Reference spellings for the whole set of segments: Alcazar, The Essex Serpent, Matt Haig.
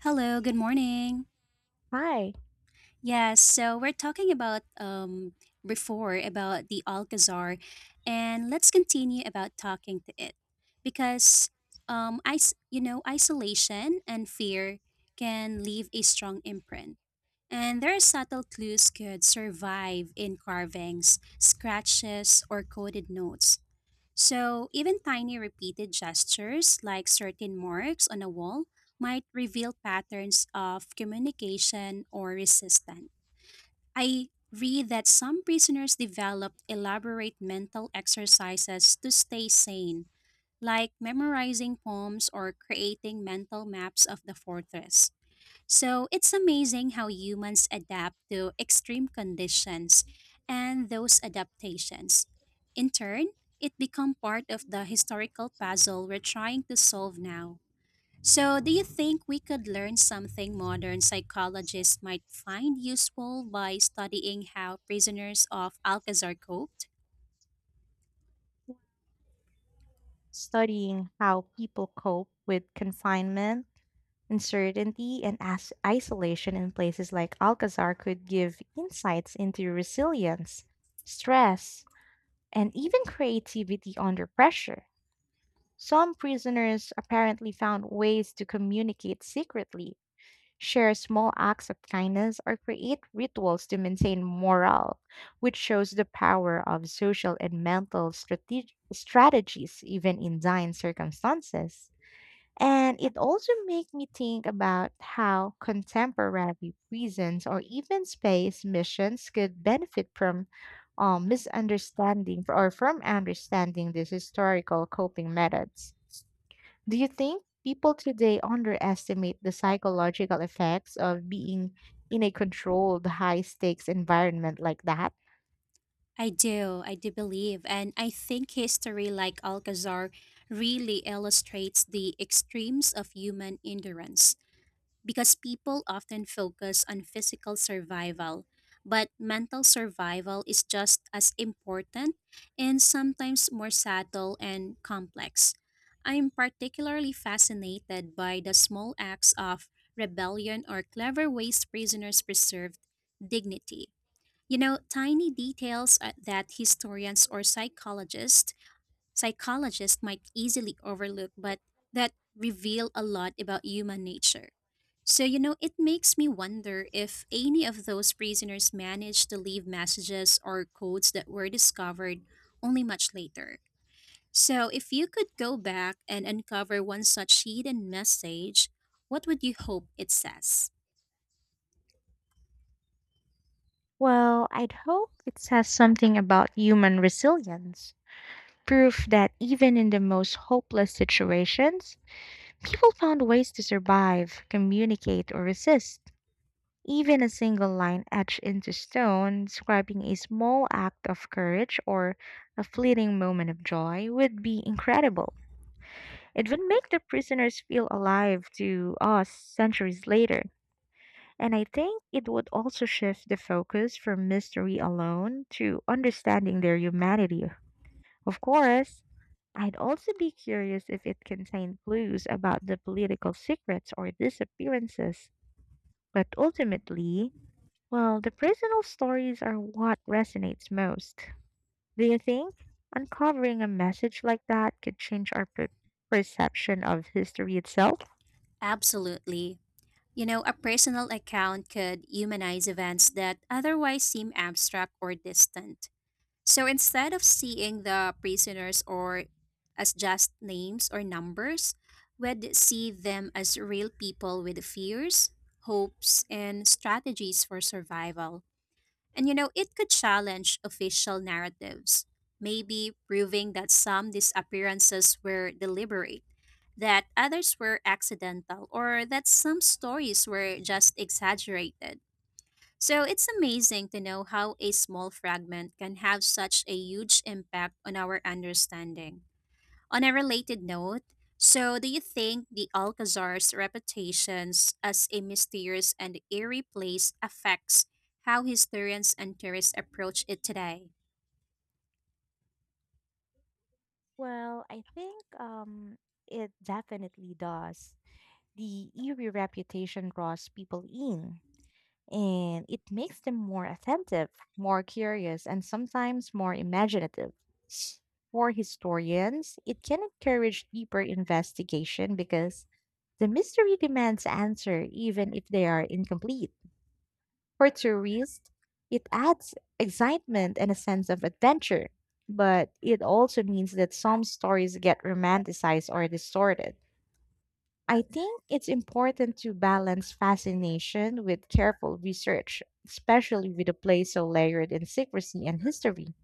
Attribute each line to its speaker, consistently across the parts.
Speaker 1: Hello, good morning.
Speaker 2: Hi,
Speaker 1: Yes, so we're talking about before about the Alcazar, and let's continue about talking to it because I you know, isolation and fear can leave a strong imprint, and there are subtle clues could survive in carvings, scratches or coded notes. So, even tiny repeated gestures like certain marks on a wall might reveal patterns of communication or resistance. I read that some prisoners developed elaborate mental exercises to stay sane, like memorizing poems or creating mental maps of the fortress. So it's amazing how humans adapt to extreme conditions and those adaptations. In turn, it become part of the historical puzzle we're trying to solve now. So do you think we could learn something modern psychologists might find useful by studying how prisoners of Alcazar coped?
Speaker 2: studying how people cope with confinement, uncertainty, and isolation in places like Alcazar could give insights into resilience, stress, and even creativity under pressure. Some prisoners apparently found ways to communicate secretly share small acts of kindness, or create rituals to maintain morale, which shows the power of social and mental strategies, even in dying circumstances. And it also made me think about how contemporary prisons or even space missions could benefit from misunderstanding or from understanding these historical coping methods. Do you think people today underestimate the psychological effects of being in a controlled, high stakes environment like that?
Speaker 1: I do believe, and I think history like Alcazar really illustrates the extremes of human endurance. Because people often focus on physical survival, but mental survival is just as important and sometimes more subtle and complex. I'm particularly fascinated by the small acts of rebellion or clever ways prisoners preserved dignity. You know, tiny details that historians or psychologists might easily overlook, but that reveal a lot about human nature. So, you know, it makes me wonder if any of those prisoners managed to leave messages or codes that were discovered only much later. So, if you could go back and uncover one such hidden message, what would you hope it says?
Speaker 2: Well, I'd hope it says something about human resilience. Proof that even in the most hopeless situations, people found ways to survive, communicate, or resist. Even a single line etched into stone describing a small act of courage or a fleeting moment of joy would be incredible. It would make the prisoners feel alive to us centuries later. And I think it would also shift the focus from mystery alone to understanding their humanity. Of course, I'd also be curious if it contained clues about the political secrets or disappearances. But ultimately, well, the personal stories are what resonates most. Do you think uncovering a message like that could change our perception of history itself?
Speaker 1: Absolutely. You know, a personal account could humanize events that otherwise seem abstract or distant. So instead of seeing the prisoners or as just names or numbers, we'd see them as real people with fears, hopes, and strategies for survival. And you know, it could challenge official narratives, maybe proving that some disappearances were deliberate, that others were accidental, or that some stories were just exaggerated. So it's amazing to know how a small fragment can have such a huge impact on our understanding. On a related note, so do you think the Alcazar's reputations as a mysterious and eerie place affects how historians and tourists approach it today?
Speaker 2: Well, I think it definitely does. The eerie reputation draws people in, and it makes them more attentive, more curious, and sometimes more imaginative. For historians, it can encourage deeper investigation because the mystery demands answer, even if they are incomplete. For tourists, it adds excitement and a sense of adventure, but it also means that some stories get romanticized or distorted. I think it's important to balance fascination with careful research, especially with a place so layered in secrecy and history.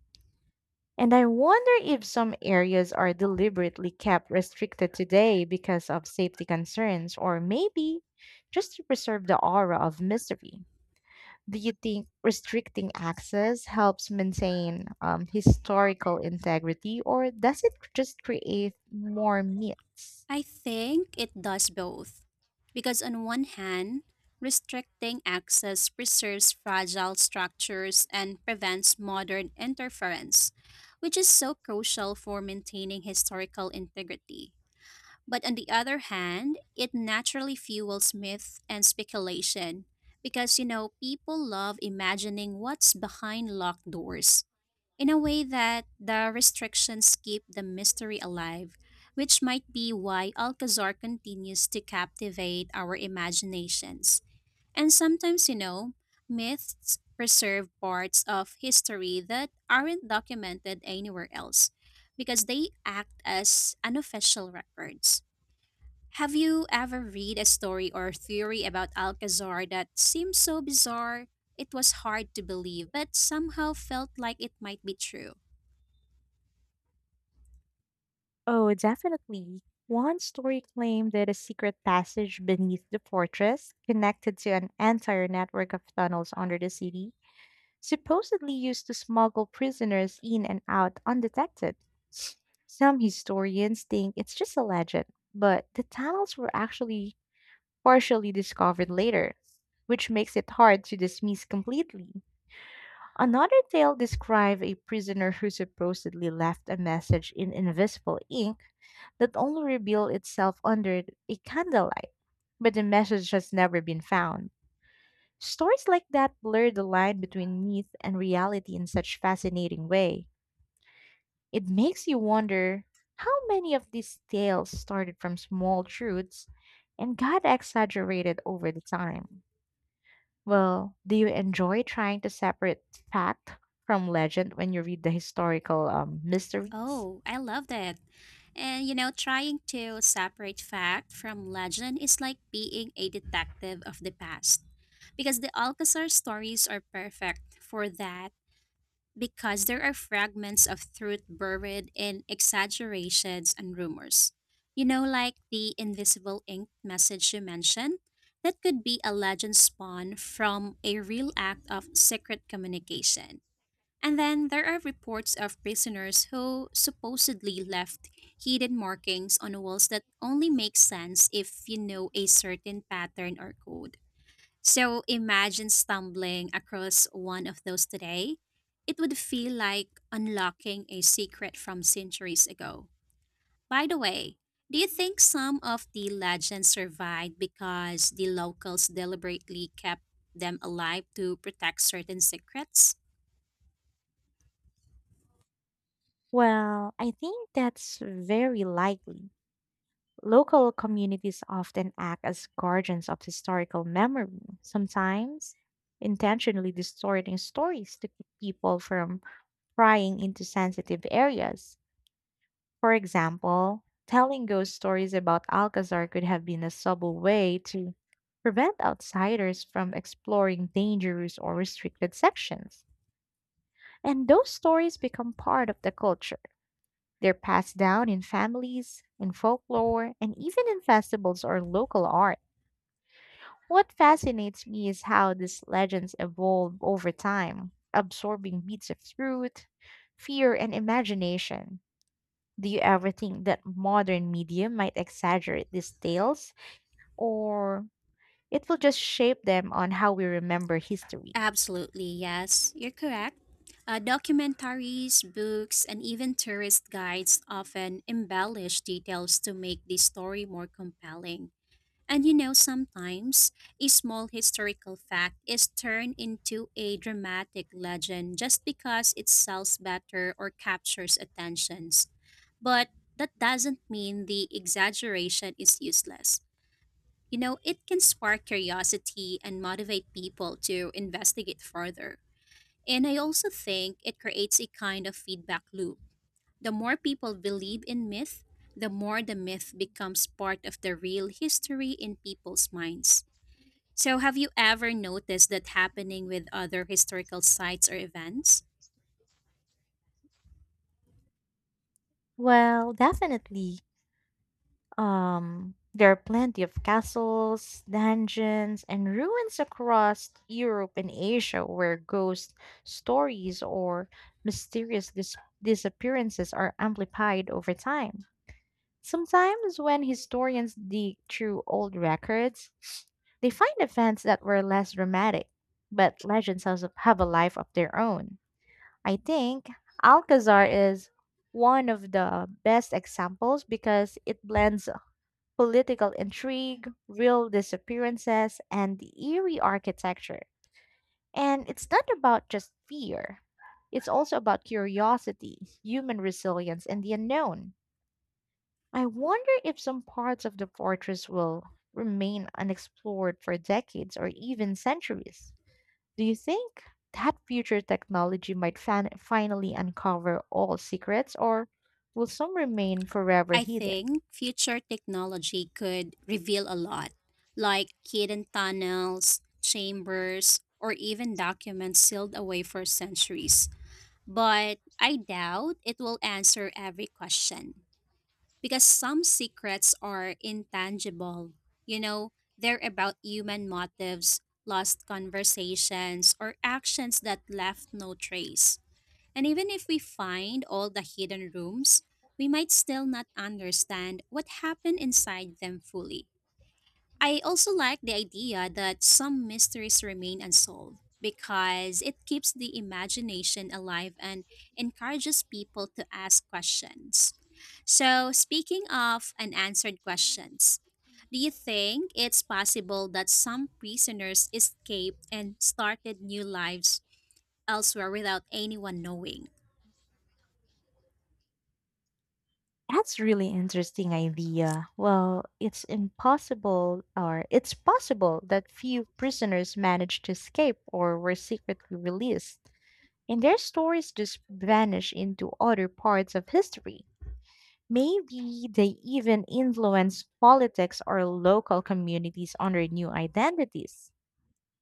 Speaker 2: And I wonder if some areas are deliberately kept restricted today because of safety concerns or maybe just to preserve the aura of mystery. Do you think restricting access helps maintain historical integrity, or does it just create more myths?
Speaker 1: I think it does both. Because on one hand, restricting access preserves fragile structures and prevents modern interference, which is so crucial for maintaining historical integrity. But on the other hand, it naturally fuels myth and speculation because, you know, people love imagining what's behind locked doors in a way that the restrictions keep the mystery alive, which might be why Alcazar continues to captivate our imaginations. And sometimes, you know, myths preserve parts of history that aren't documented anywhere else because they act as unofficial records. Have you ever read a story or theory about Alcazar that seemed so bizarre it was hard to believe, but somehow felt like it might be true?
Speaker 2: Oh, definitely. One story claimed that a secret passage beneath the fortress, connected to an entire network of tunnels under the city, supposedly used to smuggle prisoners in and out undetected. Some historians think it's just a legend, but the tunnels were actually partially discovered later, which makes it hard to dismiss completely. Another tale described a prisoner who supposedly left a message in invisible ink that only revealed itself under a candlelight, but the message has never been found. Stories like that blur the line between myth and reality in such fascinating way. It makes you wonder how many of these tales started from small truths and got exaggerated over the time. Well, do you enjoy trying to separate fact from legend when you read the historical mysteries?
Speaker 1: Oh, I love that. And you know, trying to separate fact from legend is like being a detective of the past. Because the Alcazar stories are perfect for that because there are fragments of truth buried in exaggerations and rumors. You know, like the invisible ink message you mentioned, that could be a legend spawn from a real act of secret communication. And then there are reports of prisoners who supposedly left hidden markings on walls that only make sense if you know a certain pattern or code. So imagine stumbling across one of those today. It would feel like unlocking a secret from centuries ago. By the way, do you think some of the legends survived because the locals deliberately kept them alive to protect certain secrets?
Speaker 2: Well, I think that's very likely. Local communities often act as guardians of historical memory, sometimes intentionally distorting stories to keep people from prying into sensitive areas. For example, telling ghost stories about Alcazar could have been a subtle way to prevent outsiders from exploring dangerous or restricted sections. And those stories become part of the culture. They're passed down in families, in folklore, and even in festivals or local art. What fascinates me is how these legends evolve over time, absorbing bits of truth, fear, and imagination. Do you ever think that modern media might exaggerate these tales, or it will just shape them on how we remember history?
Speaker 1: Absolutely, yes. You're correct. Documentaries, books, and even tourist guides often embellish details to make the story more compelling. And you know, sometimes a small historical fact is turned into a dramatic legend just because it sells better or captures attentions. But that doesn't mean the exaggeration is useless. You know, it can spark curiosity and motivate people to investigate further. And I also think it creates a kind of feedback loop. The more people believe in myth, the more the myth becomes part of the real history in people's minds. So, have you ever noticed that happening with other historical sites or events?
Speaker 2: Well, definitely. There are plenty of castles, dungeons, and ruins across Europe and Asia where ghost stories or mysterious disappearances are amplified over time. Sometimes, when historians dig through old records, they find events that were less dramatic, but legends also have a life of their own. I think Alcazar is one of the best examples because it blends political intrigue, real disappearances, and eerie architecture. And it's not about just fear, it's also about curiosity, human resilience, and the unknown. I wonder if some parts of the fortress will remain unexplored for decades or even centuries. Do you think that future technology might finally uncover all secrets, or will some remain forever
Speaker 1: I
Speaker 2: hidden?
Speaker 1: think future technology could reveal a lot, like hidden tunnels, chambers, or even documents sealed away for centuries. But I doubt it will answer every question because some secrets are intangible. You know, they're about human motives, lost conversations, or actions that left no trace. And even if we find all the hidden rooms, we might still not understand what happened inside them fully. I also like the idea that some mysteries remain unsolved because it keeps the imagination alive and encourages people to ask questions. So, speaking of unanswered questions, do you think it's possible that some prisoners escaped and started new lives elsewhere without anyone knowing?
Speaker 2: That's really interesting idea. Well, it's impossible or it's possible that few prisoners managed to escape or were secretly released, and their stories just vanish into other parts of history. Maybe they even influence politics or local communities under new identities.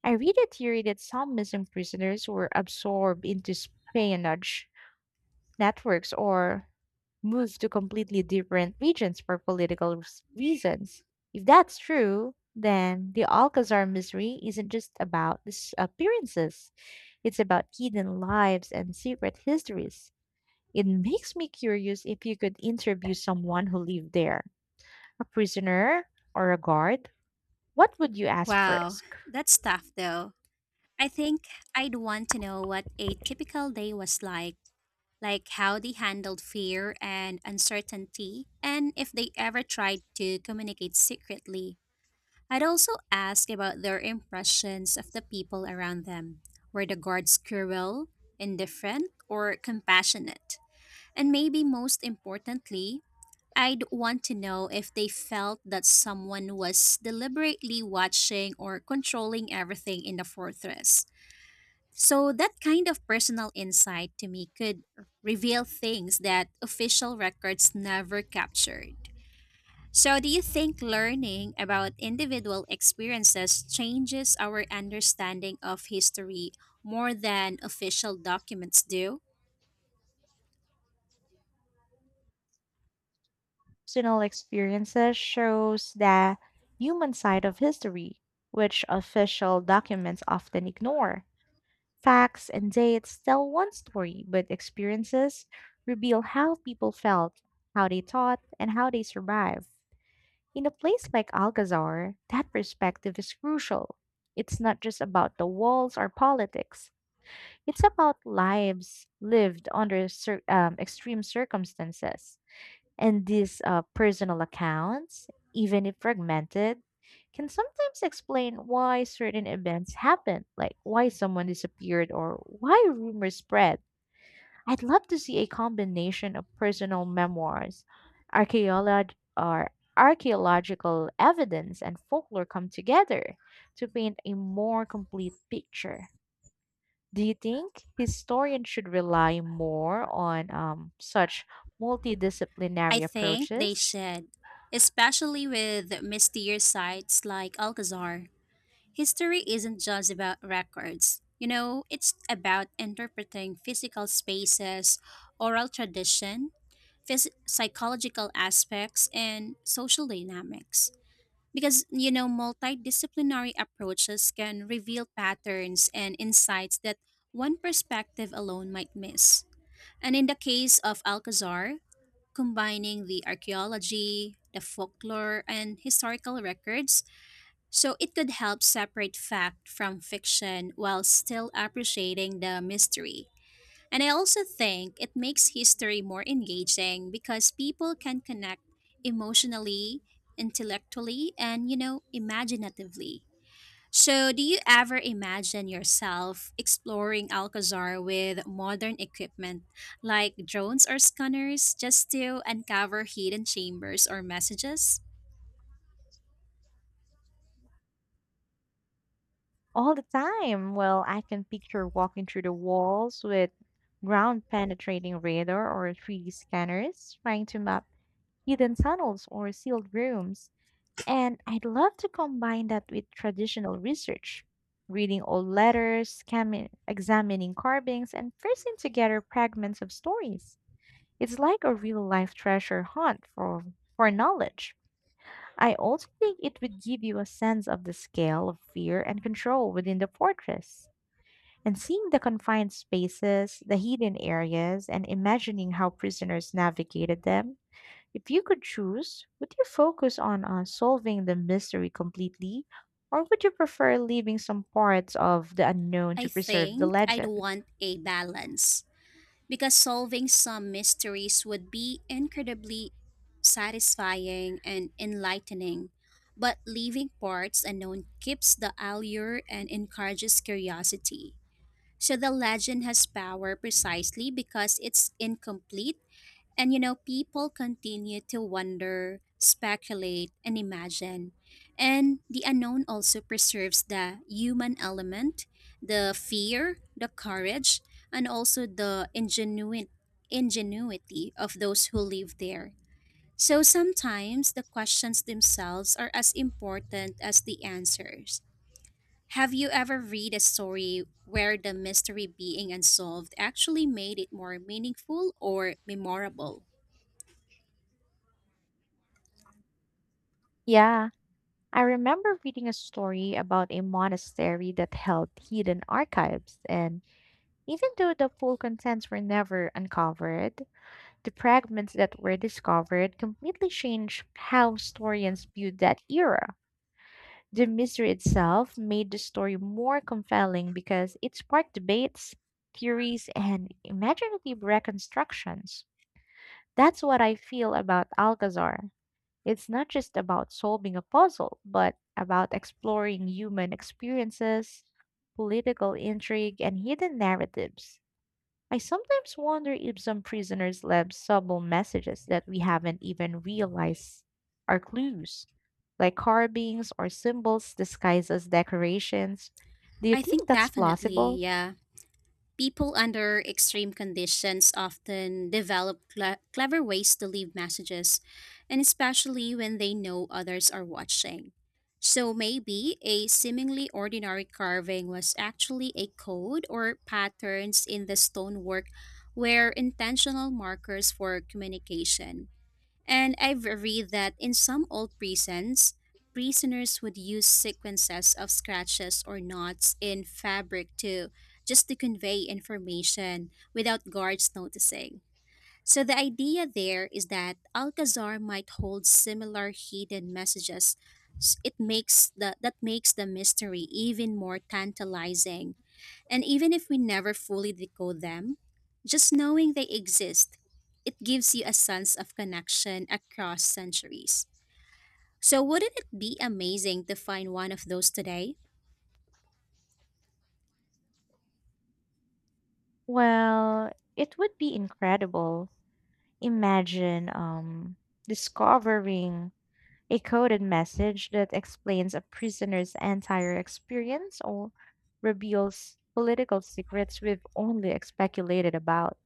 Speaker 2: I read a theory that some missing prisoners were absorbed into espionage networks or moved to completely different regions for political reasons. If that's true, then the Alcazar mystery isn't just about appearances, it's about hidden lives and secret histories. It makes me curious if you could interview someone who lived there a prisoner, or a guard, what would you ask
Speaker 1: Wow,
Speaker 2: first?
Speaker 1: that's tough though. I think I'd want to know what a typical day was like how they handled fear and uncertainty, and if they ever tried to communicate secretly. I'd also ask about their impressions of the people around them. Were the guards cruel, indifferent, or compassionate? And maybe most importantly, I'd want to know if they felt that someone was deliberately watching or controlling everything in the fortress. So, that kind of personal insight to me could reveal things that official records never captured. So, do you think learning about individual experiences changes our understanding of history more than official documents do?
Speaker 2: Personal experiences shows the human side of history, which official documents often ignore. Facts and dates tell one story, but experiences reveal how people felt, how they thought, and how they survived. In a place like Alcazar, that perspective is crucial. It's not just about the walls or politics. It's about lives lived under extreme circumstances. And these personal accounts, even if fragmented, can sometimes explain why certain events happened, like why someone disappeared or why rumors spread. I'd love to see a combination of personal memoirs, archaeolog- or archaeological evidence, and folklore come together to paint a more complete picture. Do you think historians should rely more on such
Speaker 1: I
Speaker 2: multidisciplinary
Speaker 1: think they
Speaker 2: approaches?
Speaker 1: should, especially with mysterious sites like Alcazar. History isn't just about records. You know, it's about interpreting physical spaces, oral tradition, psychological aspects, and social dynamics. Because, you know, multidisciplinary approaches can reveal patterns and insights that one perspective alone might miss. And in the case of Alcazar, combining the archaeology, the folklore, and historical records, so it could help separate fact from fiction while still appreciating the mystery. And I also think it makes history more engaging because people can connect emotionally, intellectually, and you know, imaginatively. So, do you ever imagine yourself exploring Alcazar with modern equipment like drones or scanners just to uncover hidden chambers or messages?
Speaker 2: All the time. Well, I can picture walking through the walls with ground penetrating radar or 3D scanners trying to map hidden tunnels or sealed rooms. And I'd love to combine that with traditional research, reading old letters, scamming, examining carvings, and piecing together fragments of stories. It's like a real life treasure hunt for knowledge. I also think it would give you a sense of the scale of fear and control within the fortress. And seeing the confined spaces, the hidden areas, and imagining how prisoners navigated them, if you could choose, would you focus on solving the mystery completely, or would you prefer leaving some parts of the unknown
Speaker 1: I
Speaker 2: to preserve the
Speaker 1: think I'd
Speaker 2: legend?
Speaker 1: want a balance because solving some mysteries would be incredibly satisfying and enlightening, but leaving parts unknown keeps the allure and encourages curiosity. So the legend has power precisely because it's incomplete. And you know, people continue to wonder, speculate, and imagine. And the unknown also preserves the human element, the fear, the courage, and also the ingenuity of those who live there. So sometimes the questions themselves are as important as the answers. Have you ever read a story where the mystery being unsolved actually made it more meaningful or memorable?
Speaker 2: Yeah, I remember reading a story about a monastery that held hidden archives, and even though the full contents were never uncovered, the fragments that were discovered completely changed how historians viewed that era. The mystery itself made the story more compelling because it sparked debates, theories, and imaginative reconstructions. That's what I feel about Alcazar. It's not just about solving a puzzle, but about exploring human experiences, political intrigue, and hidden narratives. I sometimes wonder if some prisoners left subtle messages that we haven't even realized are clues, like carvings or symbols disguised as decorations. Do you
Speaker 1: I
Speaker 2: think
Speaker 1: think
Speaker 2: that's
Speaker 1: definitely,
Speaker 2: plausible?
Speaker 1: yeah. People under extreme conditions often develop clever ways to leave messages, and especially when they know others are watching. So maybe a seemingly ordinary carving was actually a code or patterns in the stonework were intentional markers for communication. And I've read that in some old prisons, prisoners would use sequences of scratches or knots in fabric to just to convey information without guards noticing. So the idea there is that Alcazar might hold similar hidden messages. S- It makes the That makes the mystery even more tantalizing, and even if we never fully decode them, just knowing they exist, it gives you a sense of connection across centuries. So, wouldn't it be amazing to find one of those today?
Speaker 2: Well, it would be incredible. Imagine discovering a coded message that explains a prisoner's entire experience or reveals political secrets we've only speculated about.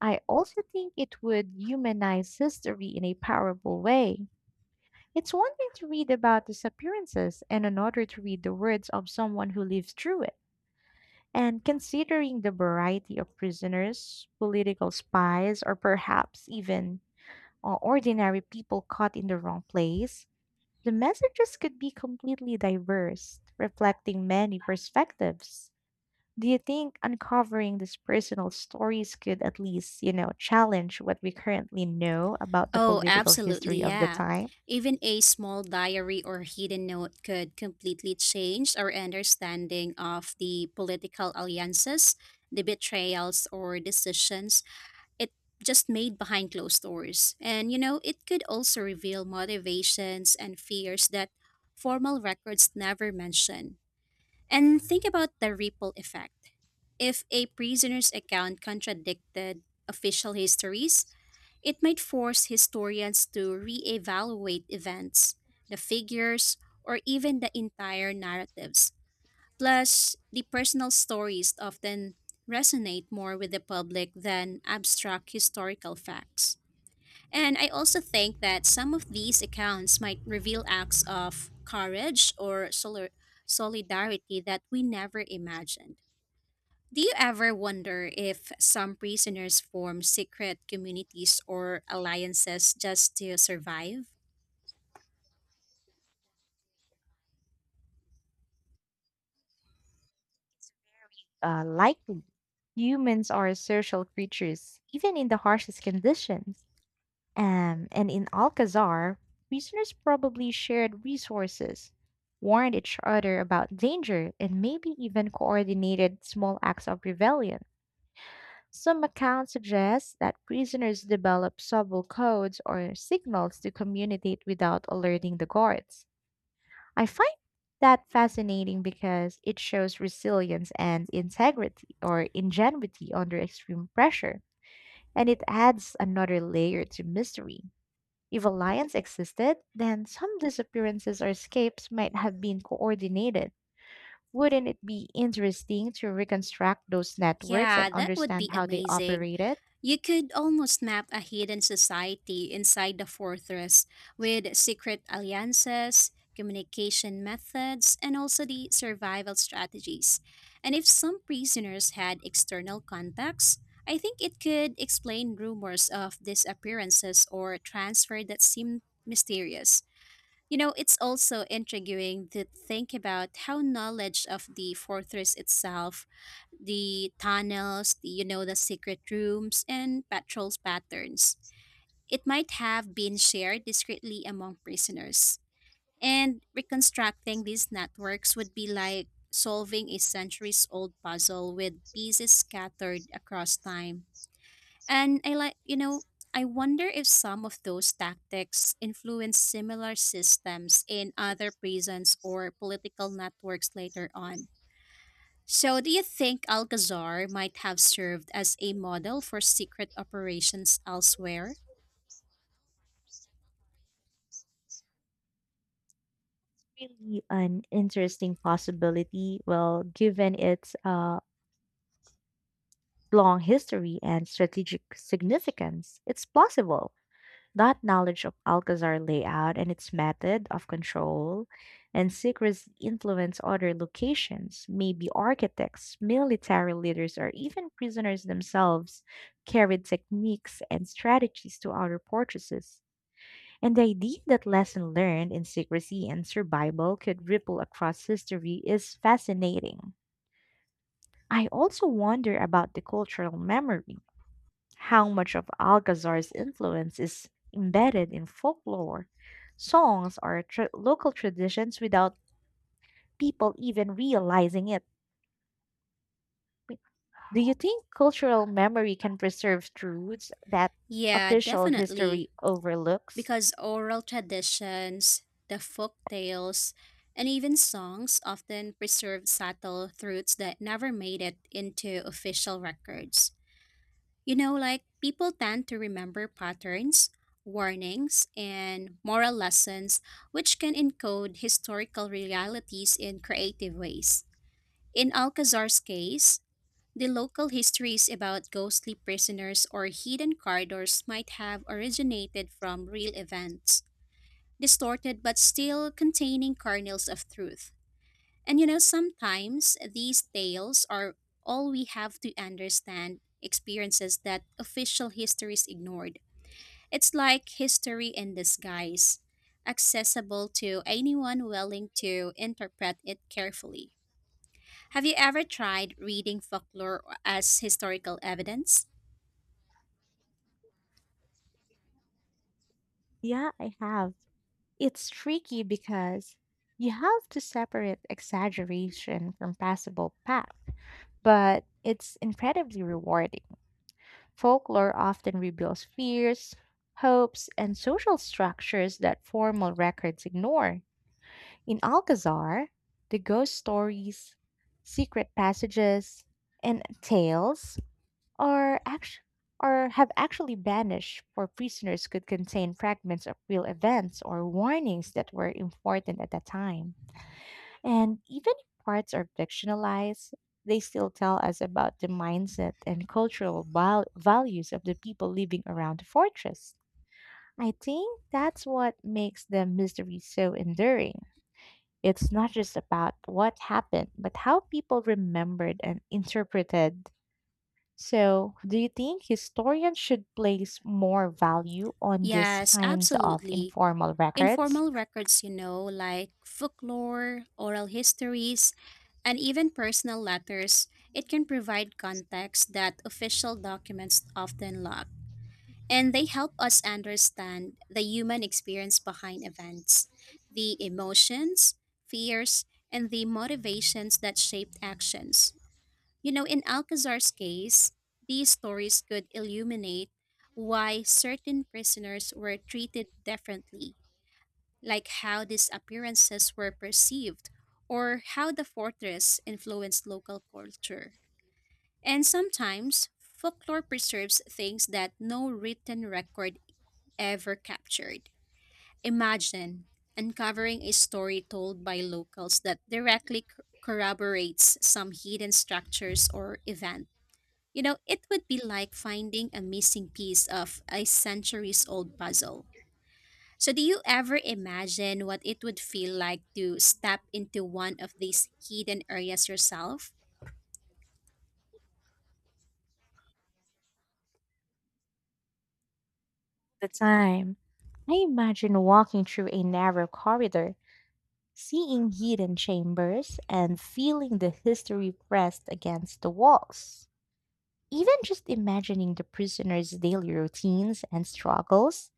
Speaker 2: I also think it would humanize history in a powerful way. It's one thing to read about disappearances and another to read the words of someone who lived through it. And considering the variety of prisoners, political spies, or perhaps even ordinary people caught in the wrong place, the messages could be completely diverse, reflecting many perspectives. Do you think uncovering these personal stories could at least, you know, challenge what we currently know about the
Speaker 1: Oh,
Speaker 2: political
Speaker 1: absolutely,
Speaker 2: history of the
Speaker 1: yeah.
Speaker 2: time?
Speaker 1: Even a small diary or hidden note could completely change our understanding of the political alliances, the betrayals, or decisions it just made behind closed doors. And you know, it could also reveal motivations and fears that formal records never mention. And think about the ripple effect. If a prisoner's account contradicted official histories, it might force historians to reevaluate events, the figures, or even the entire narratives. Plus, the personal stories often resonate more with the public than abstract historical facts. And I also think that some of these accounts might reveal acts of courage or solidarity that we never imagined. Do you ever wonder if some prisoners form secret communities or alliances just to survive?
Speaker 2: Likely. Humans are social creatures, even in the harshest conditions. And in Alcazar, prisoners probably shared resources, warned each other about danger, and maybe even coordinated small acts of rebellion. Some accounts suggest that prisoners develop subtle codes or signals to communicate without alerting the guards. I find that fascinating because it shows resilience and integrity or ingenuity under extreme pressure, and it adds another layer to mystery. If alliance existed, then some disappearances or escapes might have been coordinated. Wouldn't it be interesting to reconstruct those networks and
Speaker 1: Yeah, that would
Speaker 2: understand
Speaker 1: be
Speaker 2: how they
Speaker 1: amazing.
Speaker 2: operated?
Speaker 1: You could almost map a hidden society inside the fortress with secret alliances, communication methods, and also the survival strategies. And if some prisoners had external contacts, I think it could explain rumors of disappearances or transfer that seem mysterious. You know, it's also intriguing to think about how knowledge of the fortress itself, the tunnels, the, you know, the secret rooms, and patrols patterns, it might have been shared discreetly among prisoners. And reconstructing these networks would be like solving a centuries old puzzle with pieces scattered across time. And I like, you know, I wonder if some of those tactics influence similar systems in other prisons or political networks later on. So, do you think Alcazar might have served as a model for secret operations elsewhere?
Speaker 2: Really an interesting possibility, well, given its long history and strategic significance. It's possible that knowledge of Alcazar layout and its method of control and secrecy influence other locations. Maybe architects, military leaders, or even prisoners themselves carried techniques and strategies to outer fortresses. And the idea that lesson learned in secrecy and survival could ripple across history is fascinating. I also wonder about the cultural memory. How much of Alcazar's influence is embedded in folklore, songs, or local traditions without people even realizing it? Do you think cultural memory can preserve truths that
Speaker 1: Yeah,
Speaker 2: official
Speaker 1: definitely.
Speaker 2: history overlooks?
Speaker 1: Because oral traditions, the folk tales, and even songs often preserve subtle truths that never made it into official records. You know, like people tend to remember patterns, warnings, and moral lessons, which can encode historical realities in creative ways. In Alcazar's case, the local histories about ghostly prisoners or hidden corridors might have originated from real events, distorted but still containing kernels of truth. And you know, sometimes these tales are all we have to understand experiences that official histories ignored. It's like history in disguise, accessible to anyone willing to interpret it carefully. Have you ever tried reading folklore as historical evidence?
Speaker 2: Yeah, I have. It's tricky because you have to separate exaggeration from passable fact, but it's incredibly rewarding. Folklore often reveals fears, hopes, and social structures that formal records ignore. In Alcazar, the ghost stories, secret passages, and tales are act- or have actually banished for prisoners could contain fragments of real events or warnings that were important at the time. And even if parts are fictionalized, they still tell us about the mindset and cultural values of the people living around the fortress. I think that's what makes the mystery so enduring. It's not just about what happened, but how people remembered and interpreted so, do you think historians should place more value on these
Speaker 1: Yes,
Speaker 2: kinds of
Speaker 1: absolutely.
Speaker 2: informal records?
Speaker 1: Informal records, you know, like folklore, oral histories, and even personal letters, it can provide context that official documents often lack. And they help us understand the human experience behind events, the emotions, fears, and the motivations that shaped actions. You know, in Alcazar's case, these stories could illuminate why certain prisoners were treated differently, like how these appearances were perceived or how the fortress influenced local culture. And sometimes, folklore preserves things that no written record ever captured. Imagine uncovering a story told by locals that directly corroborates some hidden structures or event. You know, it would be like finding a missing piece of a centuries old puzzle. So, do you ever imagine what it would feel like to step into one of these hidden areas yourself?
Speaker 2: The time. I imagine walking through a narrow corridor, seeing hidden chambers, and feeling the history pressed against the walls. Even just imagining the prisoners' daily routines and struggles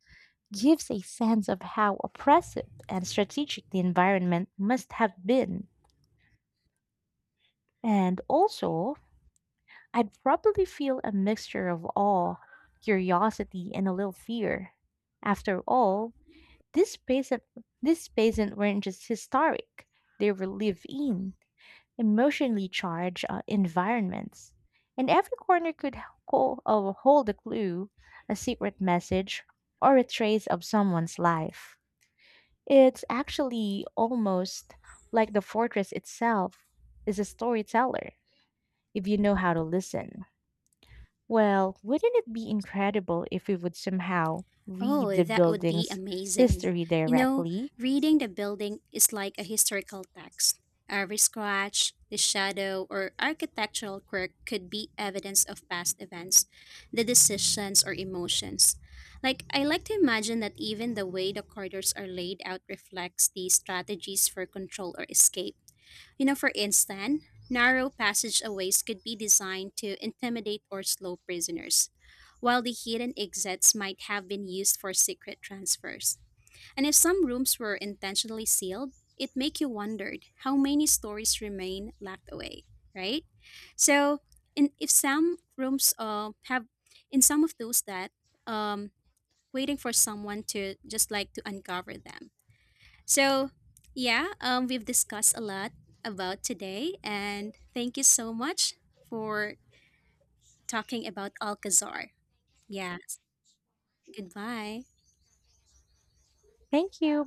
Speaker 2: gives a sense of how oppressive and strategic the environment must have been. And also, I'd probably feel a mixture of awe, curiosity, and a little fear. After all, this space this basins weren't just historic; they were lived in, emotionally charged environments, and every corner could hold a clue, a secret message, or a trace of someone's life. It's actually almost like the fortress itself is a storyteller if you know how to listen. Well, wouldn't it be incredible if we would somehow read
Speaker 1: Oh,
Speaker 2: the
Speaker 1: that would be
Speaker 2: building's
Speaker 1: amazing.
Speaker 2: history
Speaker 1: You know,
Speaker 2: directly?
Speaker 1: reading the building is like a historical text. Every scratch, the shadow, or architectural quirk could be evidence of past events, the decisions, or emotions. Like, I like to imagine that even the way the corridors are laid out reflects the strategies for control or escape. You know, for instance, narrow passageways could be designed to intimidate or slow prisoners, while the hidden exits might have been used for secret transfers. And if some rooms were intentionally sealed, it make you wondered how many stories remain locked away, right? So, in if some rooms have, in some of those that um, waiting for someone to just like to uncover them. So, yeah, we've discussed a lot about today, and thank you so much for talking about Alcazar. Yeah, goodbye.
Speaker 2: Thank you.